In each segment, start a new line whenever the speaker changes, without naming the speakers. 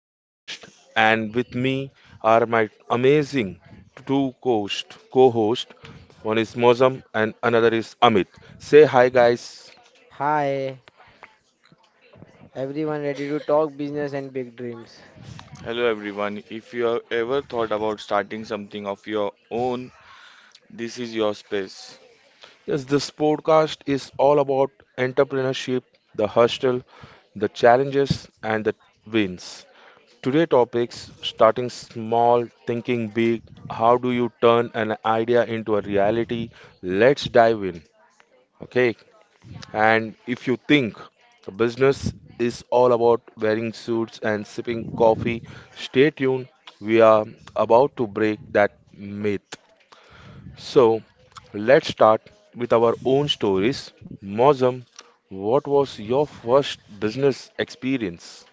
your host, and with me are my amazing two co-host, co-host One is Mozam and another is Amit. Say hi, guys.
Hi, everyone ready to talk business and big dreams?
Hello everyone. If you have ever thought about starting something of your own, this is your space.
Yes, this podcast is all about entrepreneurship, the hustle, the challenges, and the wins. Today topics starting small, thinking big. How do you turn an idea into a reality? Let's dive in. Okay. And if you think the business is all about wearing suits and sipping coffee, stay tuned. We are about to break that myth. So let's start with our own stories. Mozam, what was your first business experience?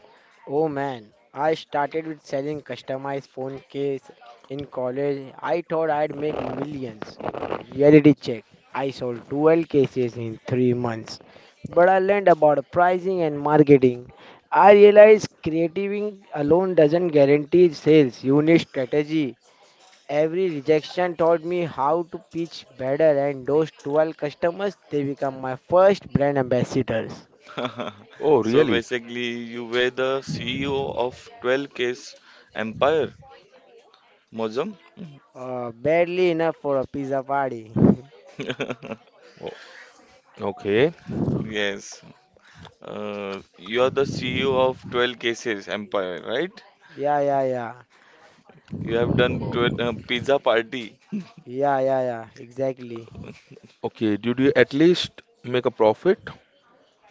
Oh man, I started with selling customized phone case in college. I thought I'd make millions. Reality check. I sold 12 cases in 3 months. But I learned about pricing and marketing. I realized creating alone doesn't guarantee sales. You need strategy. Every rejection taught me how to pitch better, and those 12 customers they become my first brand ambassadors.
Oh,
So
really?
basically, you were the CEO of 12 ks Empire, Mozum.
Barely enough for a pizza party.
O- Okay.
Yes. You are the CEO of 12 Cases Empire, right?
Yeah, yeah, yeah,
You have done 12, pizza party.
yeah, yeah, yeah, exactly.
Okay. Did you at least make a profit,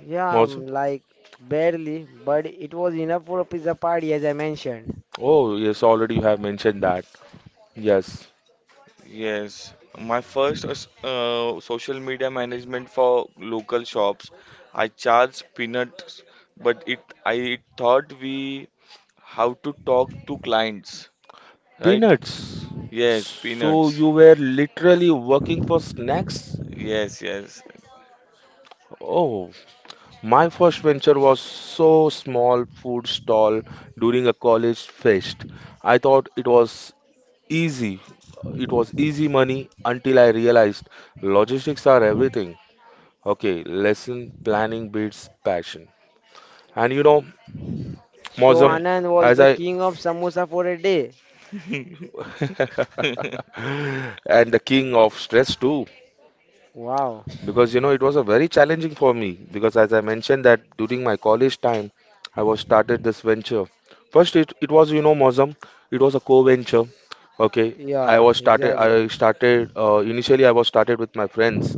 Yeah,
Mozam?
like barely, but it was enough for a pizza party, as I mentioned.
Oh, yes, already you have mentioned that. Yes.
Yes, my first social media management for local shops. I charge peanuts, but it I thought we how to talk to clients, right?
Peanuts.
Yes,
So
peanuts.
you were literally working for snacks?
Yes, yes,
Oh, my first venture was so small food stall during a college fest. I thought it was easy. It was easy money until I realized logistics are everything. Okay, lesson planning beats passion. And you know,
So
yeah,
Mozam,
Anand was
as
the
I
king of samosa for a day.
and the king of stress too.
Wow.
Because you know it was a very challenging for me because as I mentioned that during my college time I was started this venture. First it was you know Mozam, it was a co-venture. Okay,
Yeah,
I
exactly.
started initially I was started with my friends,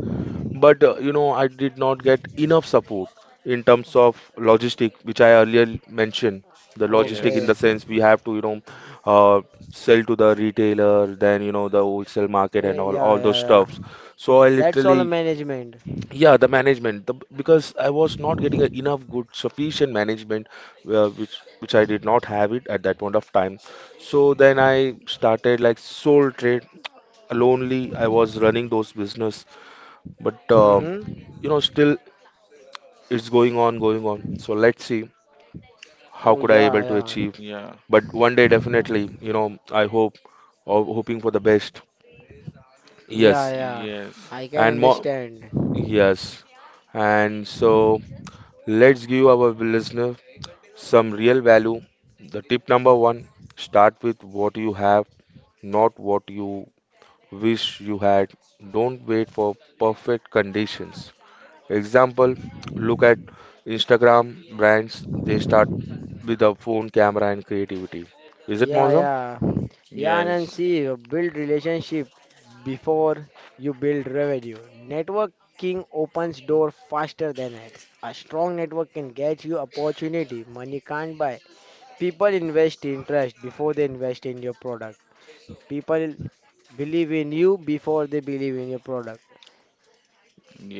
but you know I did not get enough support in terms of logistic which I earlier mentioned. The logistic in the
yes,
Okay.
sense we have to you know uh, sell to the retailer, then you know the wholesale market
Yeah,
and all
yeah,
all
yeah,
those
yeah.
stuffs. So I
That's all
literally
management.
yeah, the management, because I was not getting a enough good, sufficient management, which I did not have it at that point of time. So then I started like sole trade, lonely. I was running those business, but
Mm-hmm.
you know, still it's going on, going on. So let's see how
Oh
could I
yeah,
able to
yeah,
achieve.
yeah,
But one day definitely, you know, I hope or hoping for the best.
yeah,
Yes,
yeah.
yes,
I can
and more.
understand.
Yes, and so let's give our listener some real value. The tip number one start with what you have, not what you wish you had. Don't wait for perfect conditions. Example look at Instagram brands, they start with a phone, camera, and creativity. Is it
Yeah,
more?
yeah, yeah. Anand,
yes,
see, build relationship before you build revenue. Networking opens door faster than ads. A strong network can get you opportunity money can't buy. People invest in trust before they invest in your product. People believe in you before they believe in your product.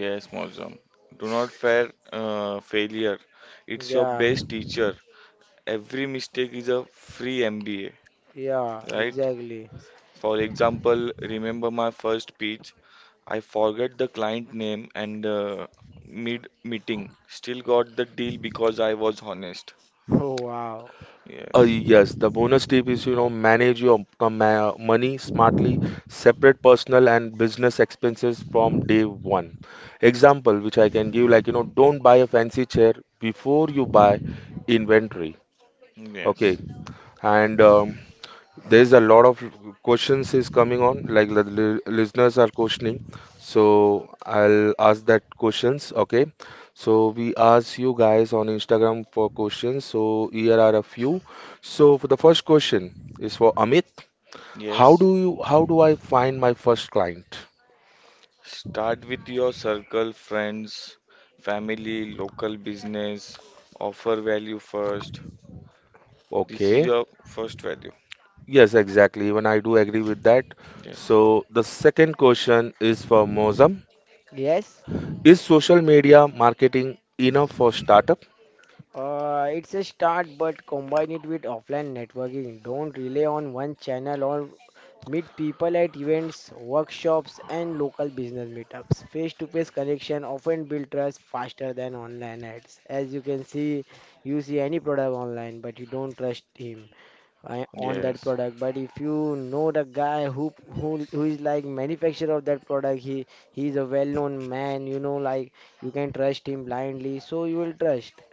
yes, Mozam. Do not fear failure. It's your
Yeah,
best teacher. Every mistake is a free MBA,
yeah,
right?
exactly.
For example, remember my first pitch. I forgot the client name and mid meeting. Still got the deal because I was honest.
Oh wow.
Yes.
Yes, the bonus tip is, you know, manage your money smartly, separate personal and business expenses from day one. Example, which I can give, like, you know, don't buy a fancy chair before you buy inventory. Okay,
Yes.
and there's a lot of questions is coming on, like the listeners are questioning. So I'll ask that questions. Okay. So we asked you guys on Instagram for questions. So here are a few. So for the first question is for Amit.
Yes.
How do I find my first client?
Start with your circle, friends, family, local business. Offer value first. This is
Okay.
your first value.
Yes, exactly. Even I do agree with that.
Yes.
So the second question is for Mozam.
Yes.
Is social media marketing enough for startup?
It's a start, but combine it with offline networking. Don't rely on one channel or meet people at events, workshops, and local business meetups. Face-to-face connection often build trust faster than online ads. As you can see, you see any product online, but you don't trust him on that
Yes.
product. But if you know the guy who is like manufacturer of that product, he is a well-known man. You know, like you can trust him blindly, so you will trust.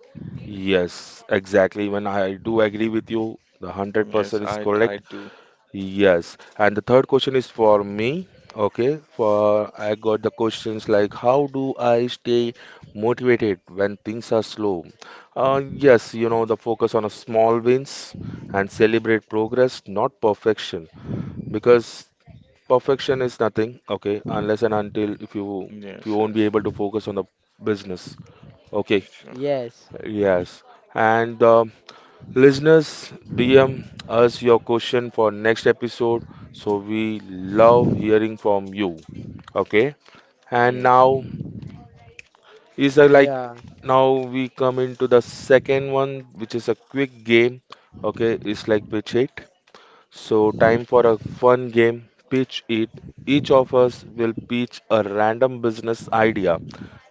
Yes, exactly. Even I do agree with you. The
Yes,
100% is
I
correct.
do.
Yes. And the third question is for me. Okay. For I got the questions like how do I stay motivated when things are slow? Yes, you know, the focus on a small wins and celebrate progress, not perfection. Because perfection is nothing, okay, unless and until if you
Yes,
won't be
yes.
able to focus on the business. Okay.
Sure.
Yes.
Yes. And listeners, DM us your question for next episode. So we love hearing from you. Okay. And
Yes.
now is a like
Yeah.
now we come into the second one, which is a quick game. Okay, it's like pitch it. So time for a fun game, pitch it. Each of us will pitch a random business idea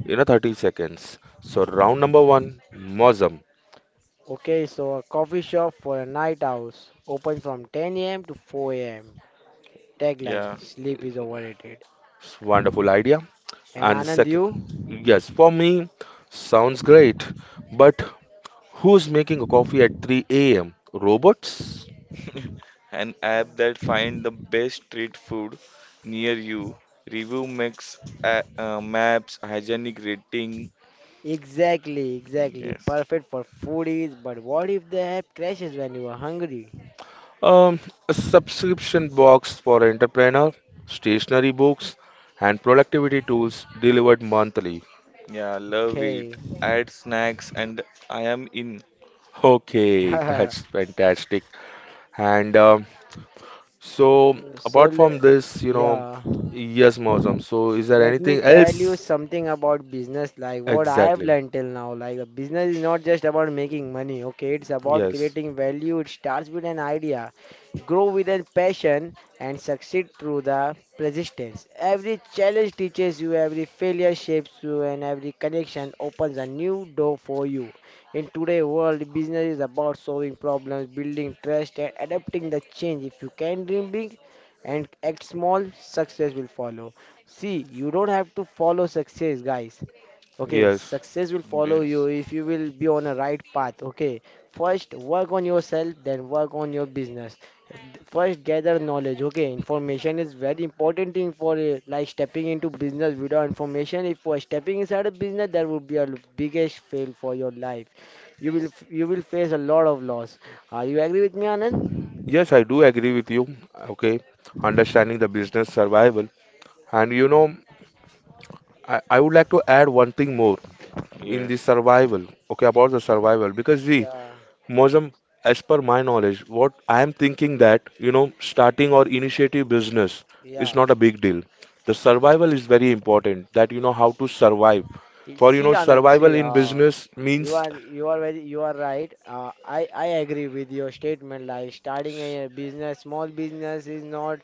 in a 30 seconds. So round number one, Mozum.
Okay, so a coffee shop for a night house, open from 10 a.m. to 4 a.m.
Yeah.
Tagline, sleep is overrated.
Wonderful idea.
And
And
Anand,
second,
you?
yes, for me, sounds great, but who's making a coffee at 3 a.m.? Robots?
An app that find the best street food near you. Review mix, maps, hygienic rating.
Exactly, exactly.
Yes.
Perfect for foodies, but what if the app crashes when you are hungry?
Um, a subscription box for entrepreneur, stationery books, and productivity tools delivered monthly.
Yeah, love it.
Okay.
Add snacks and I am in.
Okay, that's fantastic. And so,
So,
apart from
le-
this, you know,
yeah.
yes, Mausam. So, is there
Let me
anything
tell you
else?
something about business, like what I have
Exactly.
learned till now. Like, the business is not just about making money, okay? It's about
Yes.
creating value. It starts with an idea, grow with a passion, and succeed through the persistence. Every challenge teaches you, every failure shapes you, and every connection opens a new door for you. In today's world, business is about solving problems, building trust, and adapting the change. If you can dream big and act small, success will follow. See, you don't have to follow success, guys. Okay,
Yes.
success will follow you
Yes.
if you will be on a right path. Okay, first work on yourself, then work on your business. First, gather knowledge. Okay, information is very important thing for like stepping into business without information. If you are stepping inside a business, that would be biggest fail for your life. You will face a lot of loss. Are you agree with me, Anand?
Yes, I do agree with you. Okay, understanding the business survival. And you know, I would like to add one thing more in the
Yes.
survival. Okay, about the survival. Because see,
Yeah,
Mosam, as per my knowledge, what I am thinking that, you know, starting or initiative business is
yeah.
not a big deal. The survival is very important, that you know how to survive. For you
See,
know,
Anand, see,
survival in business
you
means,
are you are very you are right. I agree with your statement. Like starting a business, small business is not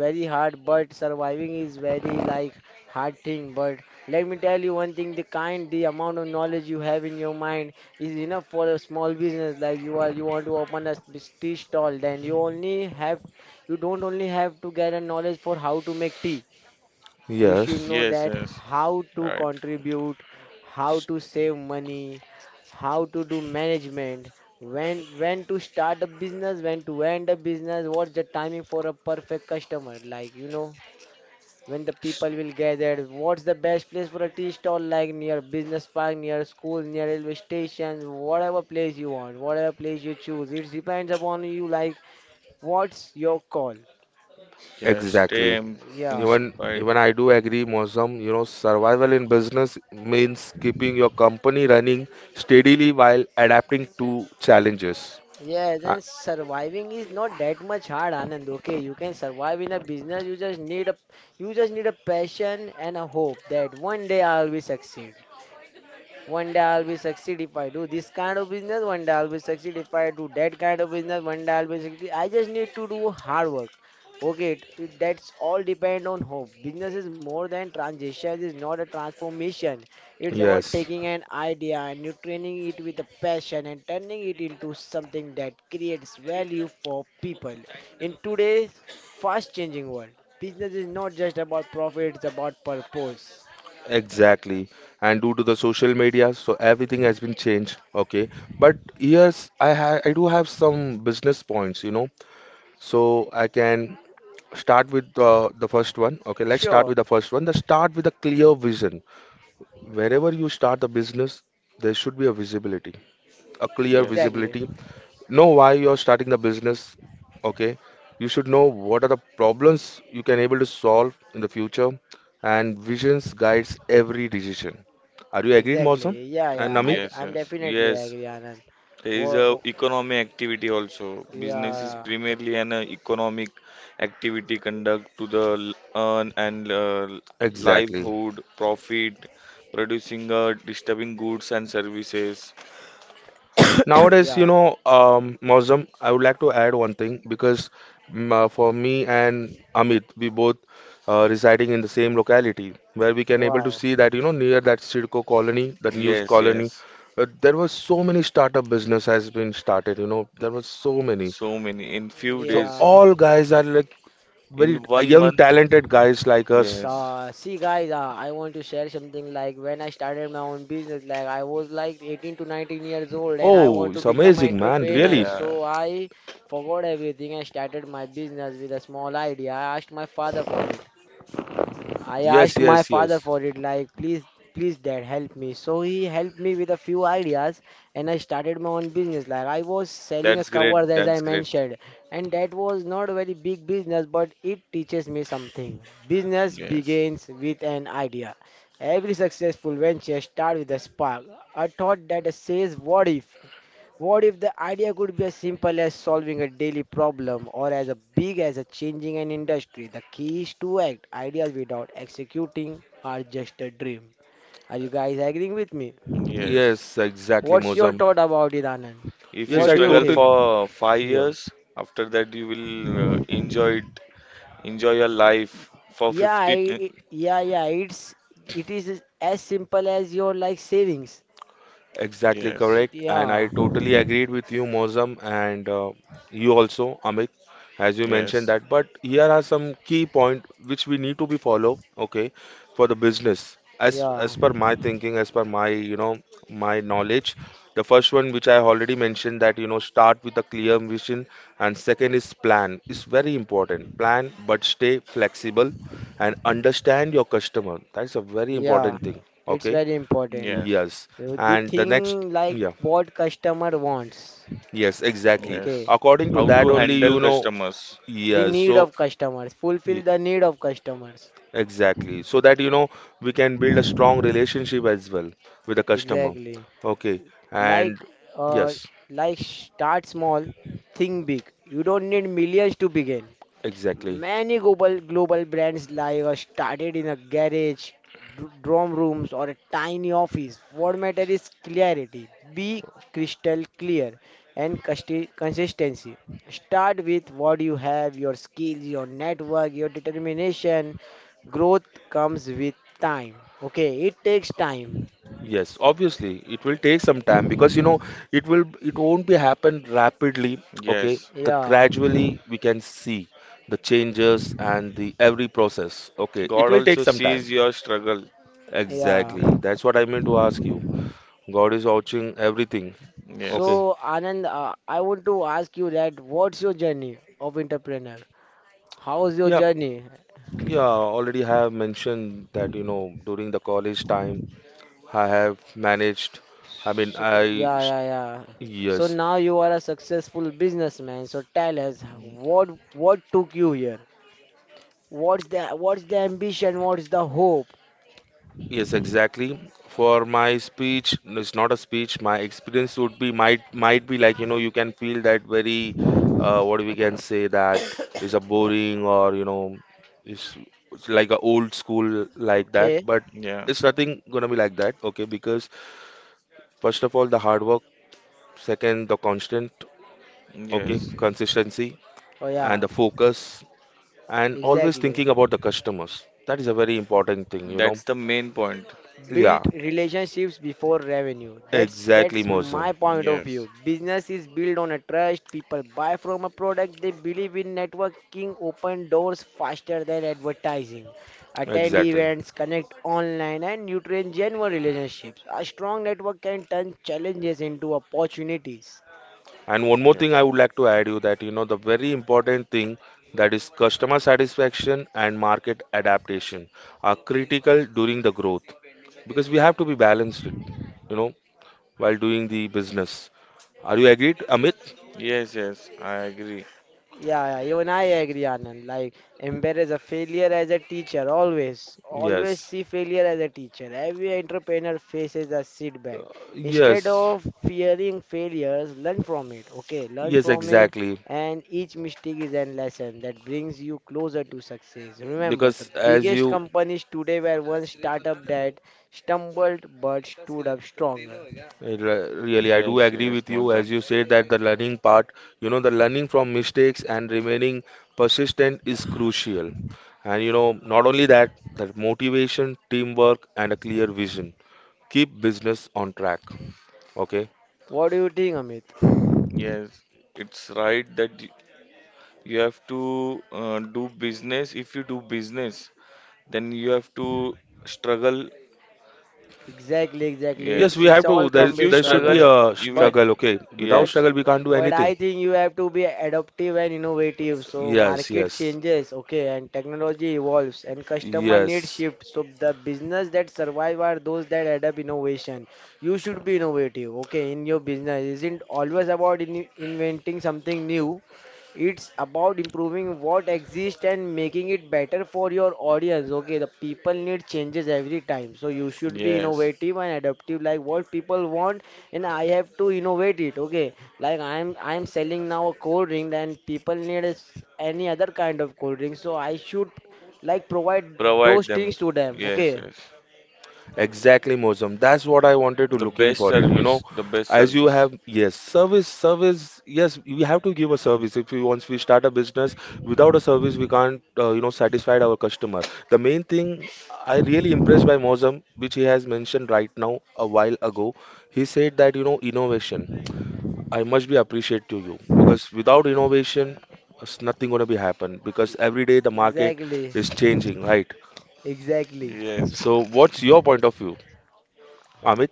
very hard, but surviving is very like hard thing. But let me tell you one thing: the kind, the amount of knowledge you have in your mind is enough for a small business. Like you are you want to open tea stall, then you only have you don't only have to get a knowledge for how to make tea, you should
yes,
know
Yes,
that
yes.
how to
Right.
contribute, how to save money, how to do management, when to start a business, when to end a business, what's the timing for a perfect customer, like you know when the people will gather, what's the best place for a tea stall, like near business park, near school, near railway station, whatever place you want, whatever place you choose it depends upon you, like what's your call.
Yes, stay
exactly.
in-
Yeah.
Even
inspired.
I do agree, Mosam, you know, survival in business means keeping your company running steadily while adapting to challenges.
Yes,
Uh,
and surviving is not that much hard, Anand. Okay, you can survive in a business. You just need a you just need a passion and a hope that one day I'll be succeed. One day I'll be succeed if I do this kind of business. One day I'll be succeed if I do that kind of business. One day I'll be succeed. I just need to do hard work. Okay, that's all depend on hope. Business is more than transition. It's not a transformation. It's about
yes,
taking an idea and you training it with a passion and turning it into something that creates value for people. In today's fast-changing world, business is not just about profit. It's about purpose.
exactly. And due to the social media, so everything has been changed. Okay, but yes, I do have some business points, you know, so I can start with the first one. Okay, let's start with
Sure,
the first one. The start with a clear vision. Wherever you start a business, there should be a visibility, a clear
Yes.
exactly.
visibility know why you're starting the business, okay, you should know what are the problems you can able to solve in the future, and visions guides every decision. Are you agreed, Mosam
Exactly. Yeah,
and
yeah.
Namit?
Yes,
I'm
yes.
definitely
Yes,
agree, Anand.
there is a
Wo-
economy activity also. Business is
yeah,
primarily an economic activity conduct to the earn and
Exactly.
livelihood, profit, producing disturbing goods and services.
Nowadays, you
yeah.
know, Mausam, I would like to add one thing because for me and Amit, we both residing in the same locality where we can able to
Wow.
see that, you know, near that Sidco colony, that news
Yes,
colony,
yes.
there was so many startup business has been started, you know, there was so many.
So many in few
So
days,
Yeah.
all guys are like
in
very
one
young,
month.
talented guys like us.
So,
Yes,
see, guys, I want to share something like when I started my own business, like I was like 18 to 19 years old and I
Oh,
want to
it's
become an
amazing, man,
entrepreneur.
really.
yeah.
So, I forgot everything. I started my business with a small idea. I asked my father for it. I
Yes,
asked my
yes, yes.
father for it, like, please, please, dad, help me. So he helped me with a few ideas, and I started my own business. Like, I was selling a
That's great.
covers, as I
That's great.
mentioned, and that was not a very big business, but it teaches me something. Business
Yes,
begins with an idea. Every successful venture starts with a spark, a thought that says, what if? What if the idea could be as simple as solving a daily problem or as a big as a changing an industry? The key is to act. Ideas without executing are just a dream. Are you guys agreeing with me?
yes.
Yes, exactly,
What's your
Mausam.
thought about it, Anand?
If you
Yes,
What
I
do you
struggle
totally,
think?
for five
yeah.
years, after that you will enjoy it enjoy your life for
Yeah,
15
yeah, yeah. It is as simple as your like savings.
Exactly
yes,
correct, and I
Yeah,
totally agreed with you, Mozam, and you also, Amit, as you mentioned
yes,
that. But here are some key point which we need to be follow, okay, for the business. As
yeah,
as per my thinking, as per my you know my knowledge, the first one which I already mentioned that you know start with a clear vision, and second is plan. It's very important. Plan, but stay flexible and understand your customer. That's a very
yeah.
important thing.
It's
Okay.
very important.
yes,
Yes,
The
and the next,
thing like
yeah,
what customer wants.
yes, exactly.
Okay.
yes,
According to
how
that,
to
only
handle
you know,
customers
The
yes,
need
so
of customers.
ye-
Fulfill the need of customers.
exactly, so that you know, we can build a strong relationship as well with the customer.
Exactly.
Okay,
Like
and
uh
yes,
like start small, think big. You don't need millions to begin.
exactly.
Many global brands started in a garage, dorm rooms, or a tiny office. What matter is clarity. Be crystal clear and consistency. Start with what you have, your skills, your network, your determination. Growth comes with time. Okay, it takes time.
Yes, obviously, it will take some time because you know, it won't be happen rapidly. Okay,
yes,
the
Yeah,
gradually we can see the changes and the every process. Okay, it
god
will take
also
some time.
sees your struggle
yeah.
ye-
Exactly. That's what I meant to ask you. God is watching everything. Okay.
yes,
So Anand, I want to ask you that what's your journey of entrepreneur? How's your
Yeah.
journey?
Yeah. Already have mentioned that, you know, during the college time, I have managed. I mean,
So,
I,
yeah, yeah, yeah. So
yes.
now you are a successful businessman. So tell us what took you here? What's the ambition? What's the hope?
Yes, exactly. For my speech, no, it's not a speech. My experience would be might be like you know you can feel that very, what we can say that is a boring or you know is it's like a old school like that.
Okay.
But
yeah,
it's nothing gonna be like that. Okay, because first of all the hard work, second the constant, okay,
yes,
consistency
Oh
and
yeah,
the focus and always
exactly.
thinking about the customers. That is a very important thing, you know.
that's the main point
Build
Yeah,
relationships before revenue
exactly,
that's my
Mosam.
point of
yes,
view. Business is built on a trust, people buy from a product they believe in, networking open doors faster than advertising, attend
Exactly.
events, connect online and nutrient genuine relationships, a strong network can turn challenges into opportunities.
And one more
yes,
thing I would like to add you that you know the very important thing that is customer satisfaction and market adaptation are critical during the growth because we have to be balanced, you know, while doing the business. Are you agreed, Amit?
yes yes I agree
Yeah, yeah, you and I agree, Anand. Like, embrace a failure as a teacher, always. Always
Yes.
see failure as a teacher. Every entrepreneur faces a setback.
Uh,
Instead
Yes.
of fearing failures, learn from it. Okay, learn
Yes,
from it,
exactly.
and each mistake is a lesson that brings you closer to success. Remember, the
Because as
biggest
you
companies today were once startup that stumbled but stood up stronger.
Really, I do
yes,
agree
yes,
with you
Mozam.
as you said that the learning part, you know, the learning from mistakes and remaining persistent is crucial. And you know, not only that, that motivation, teamwork, and a clear vision keep business on track. Okay.
What do you think, Amit?
Yes, it's right that you have to do business. If you do business then you have to struggle.
Exactly, exactly. It,
Yes, we
Yes.
have
it's
to.
all
There,
come
If you
with
there should be
struggle.
struggle,
a
you will.
But
struggle. Okay. Without
But
Yes.
struggle, we can't do
but
anything.
I think you have to be adaptive and innovative. So
Yes,
market
yes,
changes, okay, and technology evolves and customer needs
yes.
shift. So the business that survive are those that adapt innovation. You should be innovative, okay, in your business. Isn't always about in inventing something new. It's about improving what exists and making it better for your audience. Okay, the people need changes every time. So you should be
Yes.
innovative and adaptive like what people want and I have to innovate it. Okay. Like I'm selling now a cold drink and people need a s any other kind of cold drink. So I should like provide
Provide
those
them.
things to them.
Yes.
Okay.
Yes.
Exactly, Mosam. That's what I wanted to
The
looking
best
for it. You know,
service. The best
as you
service.
have, yes, service, service. Yes, we have to give a service. If we once we start a business without a service, we can't, you know, satisfied our customer. The main thing I really impressed by Mosam, which he has mentioned right now a while ago, he said that you know innovation. I must be appreciate to you because without innovation, it's nothing gonna be happen because
E-
every day the market
Exactly.
is changing, right?
Exactly.
Yes.
So, what's your point of view, Amit?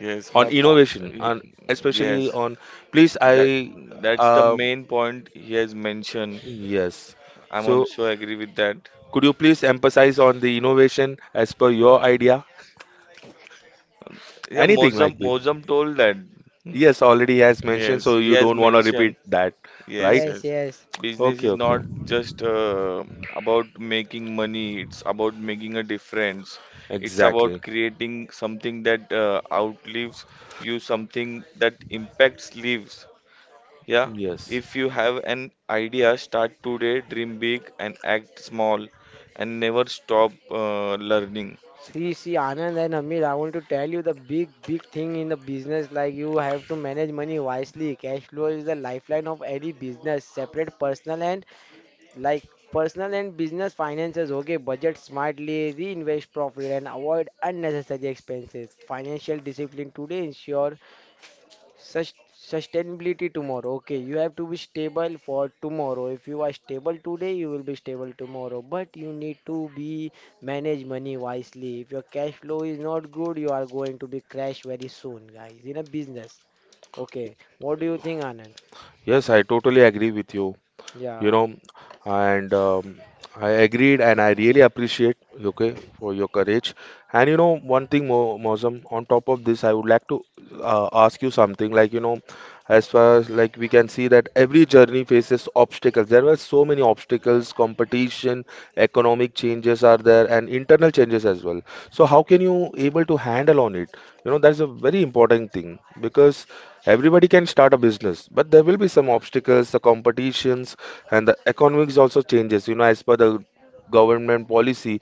Yes.
On
My point.
innovation and especially
Yes.
on, please I
That that's the
um,
main point he has mentioned.
yes,
I'm
so
also agree with that.
could you please emphasize on the innovation as per your idea,
Yeah.
anything
Mozam
like this?
Mozam told that. Hmm.
Yes, already has mentioned
Yes.
so
He
you
has
don't want to repeat
mentioned.
that, right?
Yes,
Yes,
yes.
yes.
Business
Okay,
is
okay.
not just about making money, it's about making a difference. It's about
Exactly.
creating something that outlives you, something that impacts lives. Yeah.
Yes,
If you have an idea, start today, dream big and act small and never stop learning.
See, see, Anand and Amir, I want to tell you the big thing in the business. Like you have to manage money wisely. Cash flow is the lifeline of any business. Separate personal and like personal and business finances. Okay, budget smartly, reinvest profit, and avoid unnecessary expenses. Financial discipline today ensure sustainability tomorrow. Okay, you have to be stable for tomorrow. If you are stable today, you will be stable tomorrow. But you need to be manage money wisely. If your cash flow is not good, you are going to be crash very soon, guys, in a business. Okay, what do you think, Anand?
yes, I totally agree with you, you know.
Yeah,
And I agreed and I really appreciate, okay, for your courage. And you know one thing more, Mozam, on top of this I would like to ask you something. Like, you know, as far as like we can see that every journey faces obstacles. There were so many obstacles, competition, economic changes are there, and internal changes as well. So how can you able to handle on it? You know, that's a very important thing because everybody can start a business, but there will be some obstacles, the competitions and the economics also changes, you know, as per the government policy.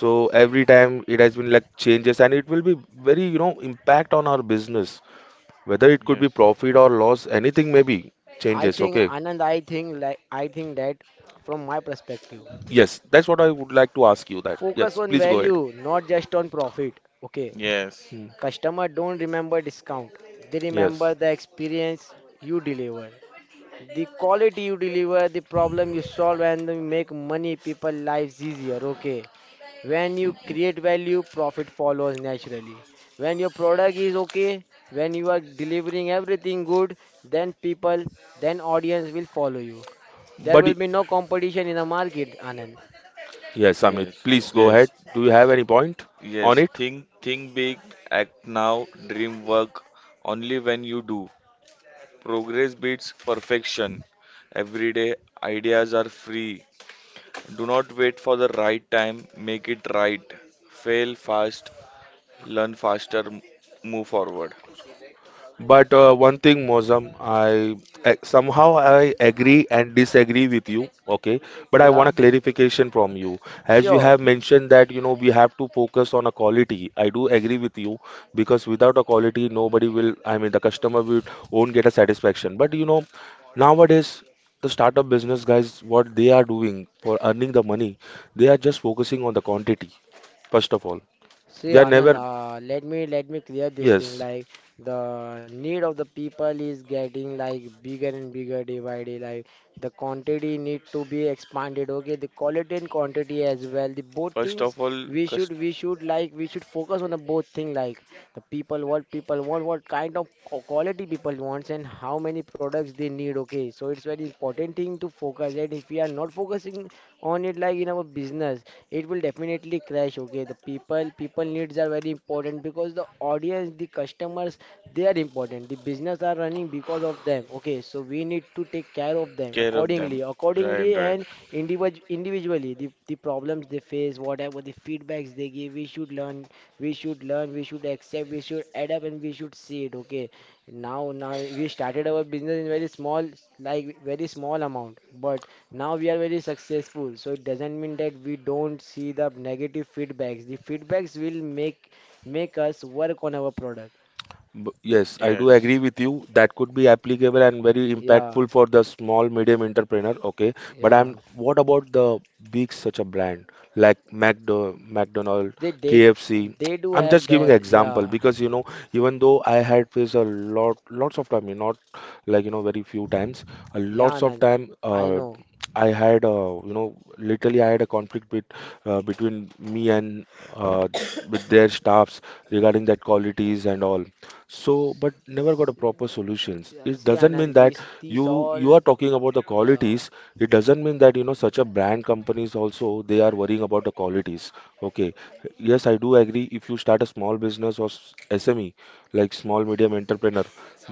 So every time it has been like changes and it will be very, you know, impact on our business, whether it could
Yes.
be profit or loss, anything maybe
I
changes.
think
Okay,
Anand, I think like I think that from my perspective,
yes, that's what I would like to ask you that.
focus
Yes,
on
please go ahead.
value, not just on profit. Okay,
Yes.
Hmm,
customer don't remember discount. They
yes.
remember the experience you deliver, the quality you deliver, the problem you solve, and you make money people lives easier. Okay. When you create value, profit follows naturally. When your product is okay, when you are delivering everything good, then people, then audience will follow you. There
but
will
y-
be no competition in the market, Anand.
yes, Amit,
Yes.
please go ahead,
Yes,
do you have any point on
Yes,
it?
think big, act now, dream work only when you do. Progress beats perfection. Every day, ideas are free. Do not wait for the right time, make it right. Fail fast, learn faster, move forward.
But one thing, Mozam, I somehow I agree and disagree with you. Okay, but I want
Yeah,
a clarification from you. As you
sure.
have mentioned that you know we have to focus on a quality, I do agree with you because without a quality, nobody will. I mean, the customer will won't get a satisfaction. But you know, nowadays the startup business guys, what they are doing for earning the money, they are just focusing on the quantity, first of all.
See,
They are
Anand,
never,
let me clear this thing.
yes.
Like the need of the people is getting like bigger and bigger day by day. Like the quantity need to be expanded. Okay, the quality and quantity as well. The both
First
things
of all,
we
cus-
should we should like we should focus on the both thing. Like the people, what people want, what kind of quality people wants, and how many products they need. Okay, so it's very important thing to focus. That if we are not focusing on it like in our business, it will definitely crash. Okay, the people needs are very important because the audience, the customers, they are important, the business are running because of them. Okay, so we need to take care of them
care of them.
accordingly
Right,
accordingly
right.
and individually the problems they face, whatever the feedbacks they give, we should learn, we should accept, we should adapt, and we should see it. Okay, now we started our business in very small, like very small amount, but now we are very successful. So it doesn't mean that we don't see the negative feedbacks. The feedbacks will make us work on our product.
Yes, I do
Yes.
agree with you. That could be applicable and very
Yeah,
impactful for the small, medium entrepreneur. Okay, but
yeah.
I'm, what about the big such a brand like McDonald,
They they
KFC?
they do
I'm
have
just giving
their,
example
yeah.
because you know, even though I had faced a lot, lots of time, you know, not like you know very few times, a
Yeah,
lots of
Anand.
time.
I know.
I had you know, literally I had a conflict with between me and uh, with their staffs regarding that qualities and all. So, but never got a proper solutions.
Yeah,
It
see
doesn't mean
Anand,
that
these
you are
all.
talking about the
Yeah.
qualities. It doesn't mean that you know such a brand companies also they are worrying about the qualities. Okay, yes, I do agree. If you start a small business or SME, like small medium entrepreneur,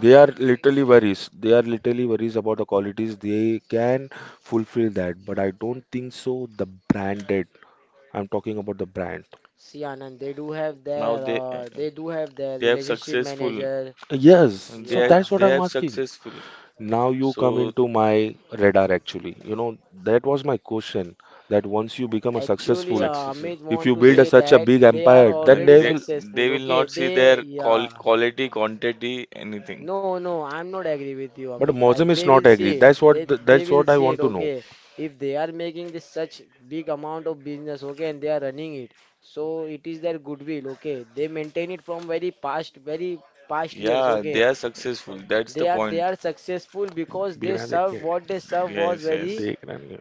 they are literally worries. They are literally worries about the qualities. They can fulfill that, but I don't think so. The branded. I'm talking about the brand.
See Anand,
Now they
they do have their
they have
relationship
successful.
manager.
Yes,
They
so
are-
Yeah.
that's what
they
I'm
have
asking.
successful.
Now you come
So
into my radar actually. You know, that was my question, that once you become a
Actually,
successful,
successful.
Amit
if
want
you
to
build
They
a,
say
such a
that
big
they are
empire,
uh,
then
already
they
they
will.
they
successful.
will
Okay,
not see
they,
their
yeah.
quality, quantity, anything.
No, no, I'm not agree with you,
But
Amit. Like
Mozam is
they will
not
see
agree. That's
it. They
what the,
they
that's
will
what I
see it.
want to know.
Okay, if they are making this such big amount of business, okay, and they are running it, so it is their goodwill. Okay, they maintain it from very past years.
Yeah,
Okay.
they are
Uh,
successful. That's
they
the
are they
point.
are successful because they
बिना
serve,
देखे
what they serve was
Yes,
very,
yes.
देख रहा नहीं है।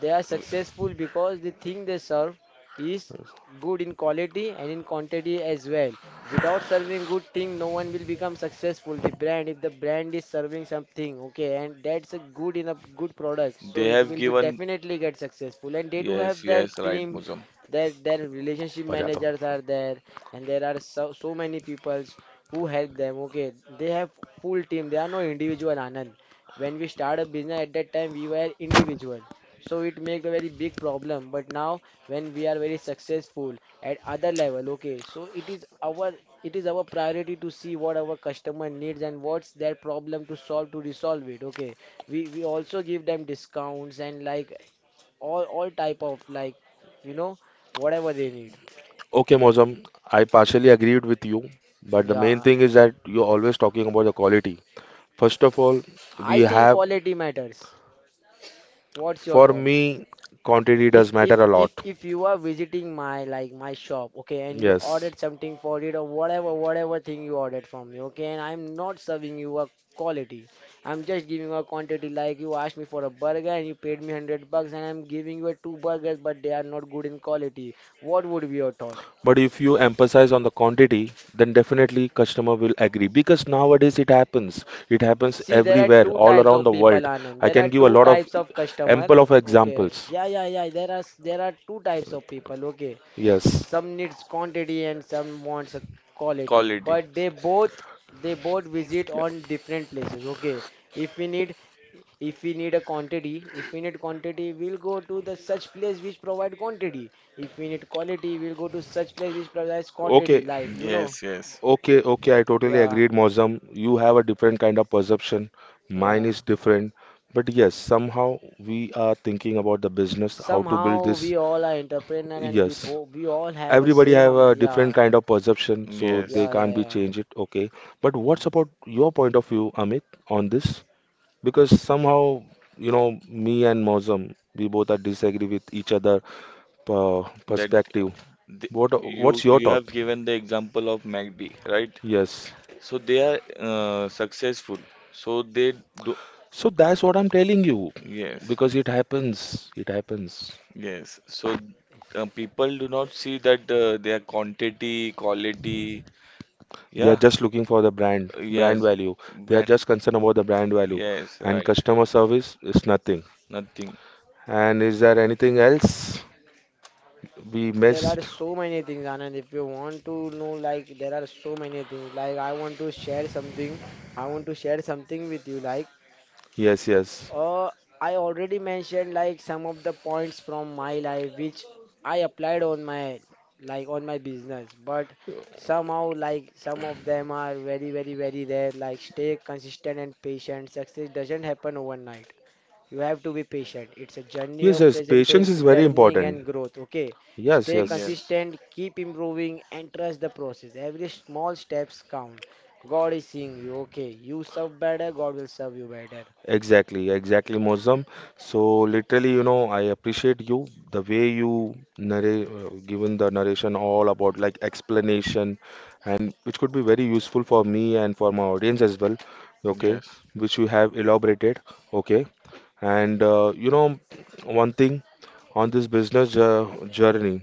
they are
W-
successful because the thing they serve is good in quality and in quantity as well. Without serving good thing, no one will become successful. The brand, if the brand is serving something, okay, and that's a good, in a good product, so
They
it
have
will be
given.
definitely get successful. And they do
Yes,
have their
yes, right,
team,
Muslim.
their relationship
बजाता हूँ।
managers are there, and there are so many peoples who help them. Okay, they have full team. They are no individual, Anand. When we start a business at that time, we were individual, so it make a very big problem. But now when we are very successful at other level, okay, so it is our, it is our priority to see what our customer needs and what's their problem, to solve, to resolve it. Okay, we also give them discounts and like all type of like, you know, whatever they need.
Okay, Mozam, I partially agreed with you, but the main
Yeah,
thing is that you're always talking about the quality. First of all,
I
we
think
have,
quality matters. What's your
for
thought?
me, quantity
If
does matter a lot.
you are visiting my like my shop, okay, and you
Yes,
ordered something for it, or whatever thing you ordered from me, okay, and I'm not serving you a quality, I'm just giving a quantity. Like you asked me for a burger and you paid me 100 bucks and I'm giving you a two burgers but they are not good in quality. What would be your thought?
but if you emphasize on the quantity, then definitely customer will agree because nowadays it happens. It happens
See, there are
everywhere,
two
all
types
around
of
the
people,
world.
Anand.
I
There are
can give a
two
lot of
types of customer.
ample of
Okay.
examples.
Yeah, yeah, yeah. There are there are two types of people. Okay.
Yes.
Some needs quantity and some wants a quality.
Quality.
But they both visit on different places. Okay. If we need if we need a quantity, if we need quantity, we'll go to the such place which provide quantity. If we need quality, we'll go to such place which provides quantity.
Okay,
Like, you know.
Yes, yes,
okay, okay, I totally
Yeah.
agreed, Mozam. You have a different kind of perception. Mine
Yeah.
is different. But yes, somehow we are thinking about the business, how to build
Somehow
this.
we all are entrepreneur and
Yes.
we all have a
Everybody
same
have a different
yeah.
kind of perception, so they
yes.
Yeah, yeah,
can't be
yeah,
changed it. Okay, but
yeah.
what's about your point of view, Amit, on this? Because somehow, you know, me and Mozam, we both are disagree with each other
That
perspective.
uh, the,
What
you
what's your
you
thought?
have given the example of MACD, right?
Yes.
So they are successful. So they do.
So that's what I'm telling you,
Yes,
because it happens. It happens.
yes. So people do not see that their quantity, quality.
They are
Yeah,
just looking for the brand, brand
yes.
value. They are
Brand.
just concerned about the brand value,
Yes,
and
right.
customer service is nothing.
Nothing.
And is there anything else? We
There are
missed.
so many things, Anand. If you want to know, like there are so many things. Like I want to share something. I want to share something with you. Like,
Yes, yes.
Uh, I already mentioned like some of the points from my life which I applied on my like on my business, but somehow like some of them are very rare. Like stay consistent and patient. Success doesn't happen overnight. You have to be patient. It's a journey
Yes,
of
yes,
present
patience
tense,
is very
learning
important.
and growth. Okay,
Yes,
stay
yes.
Yes,
consistent, keep improving, and trust the process. Every small steps count. God is seeing you. Okay, you serve better, God will serve you better.
Exactly, exactly, Mozam. So literally, you know, I appreciate you the way you narrate, given the narration all about like explanation, and which could be very useful for me and for my audience as well. Okay,
yes,
which you have elaborated. Okay, and you know, one thing on this business journey.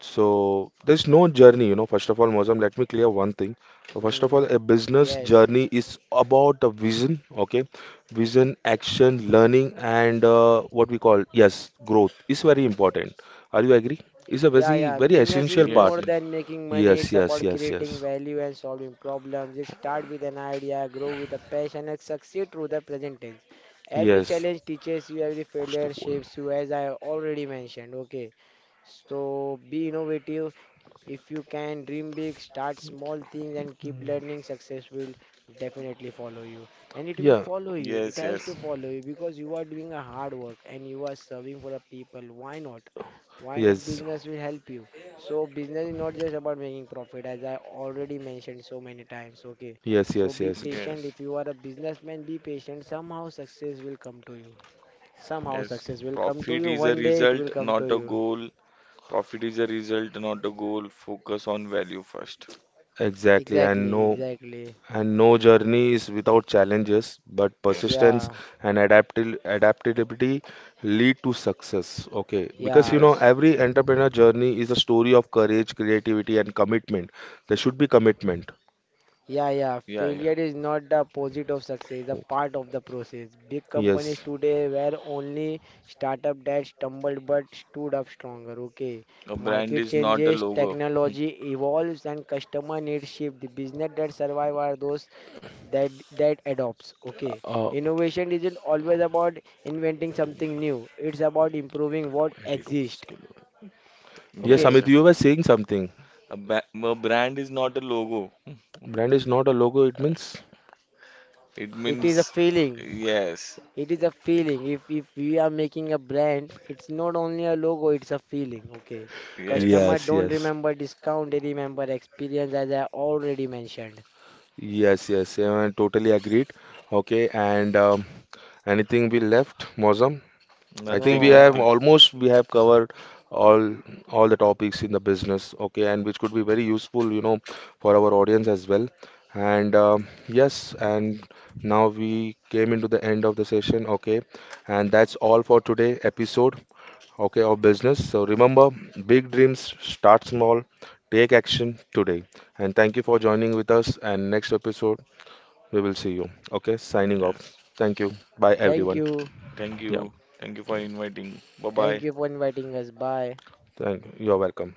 So there's no journey, you know. First of all, Mozam, let me clear one thing. So first of
Hmm.
all, a business
Yes.
journey is about a vision, okay? Vision, action, learning, and what we call, yes, growth is very important. Are you agree? It's a
Yeah,
very,
yeah.
very
Business
essential
is
part.
yes,
more
yes,
than making money.
Yes,
It's
yes,
about
yes,
creating
yes,
value and solving problems. You start with an idea, grow with a passion, and succeed through the present tense. Every
yes.
challenge teaches you, every
कुछ तो
failure
बोल.
shapes you, as I already mentioned. Okay. So be innovative, if you can dream big, start small things, and keep learning, success will definitely follow you. And it will
Yeah,
follow you. It
yes,
has to
yes,
follow you because you are doing a hard work and you are serving for a people. Why not? Why not
yes,
business will help you? So business is not just about making profit, as I already mentioned so many times. Okay.
yes,
So
yes,
be
yes.
patient.
yes,
If you are a businessman, be patient. Somehow success will come to you. Somehow
yes.
success will come to
Profit
you.
is a
One day it
result,
will come to
not a
you.
goal. Profit is a result, not a goal. Focus on value first.
Exactly. And
Exactly,
no.
exactly.
And no journey is without challenges, but
Yes,
persistence
Yeah.
and adaptil adaptability lead to success. Okay, because you
Yeah,
know,
yes,
every entrepreneur journey is a story of courage, creativity, and commitment. There should be commitment.
yeah, yeah.
yeah, yeah.
Failure is not the opposite of success, it's a
Oh,
part of the process. Big companies
yes.
today were only startup that stumbled but stood up stronger. Okay.
A brand
Market
is not a
changes,
logo.
technology evolves and customer needs shift. The business that survive are those that adopts. Okay.
Uh,
Innovation isn't always about inventing something new. It's about improving what exists.
Hmm.
yes,
Yes,
Amit,
Okay.
you were saying something.
a brand is not a logo. Hmm.
Brand is not a logo, it means?
It
It is a
means,
feeling.
yes,
It is a feeling. If we are making a brand, it's not only a logo, it's a feeling. Okay. Customer
yes,
Yes,
don't
yes.
remember discount, they remember experience as I already mentioned.
Yes, yes, yeah, I totally agreed. Okay, and anything we left, Mozam? I think
nothing,
we
No,
have
nothing.
almost We have covered all the topics in the business, okay, and which could be very useful, you know, for our audience as well. And yes, and now we came into the end of the session, okay, and that's all for today episode, okay, of business. So remember, big dreams start small, take action today. And thank you for joining with us. And next episode, we will see you. Okay, signing off.
Yes.
Thank you. Bye
thank
everyone.
you.
Thank
Yeah,
you. Thank you for inviting. Bye
Thank
bye.
you for inviting us. Bye.
thank you. You're welcome.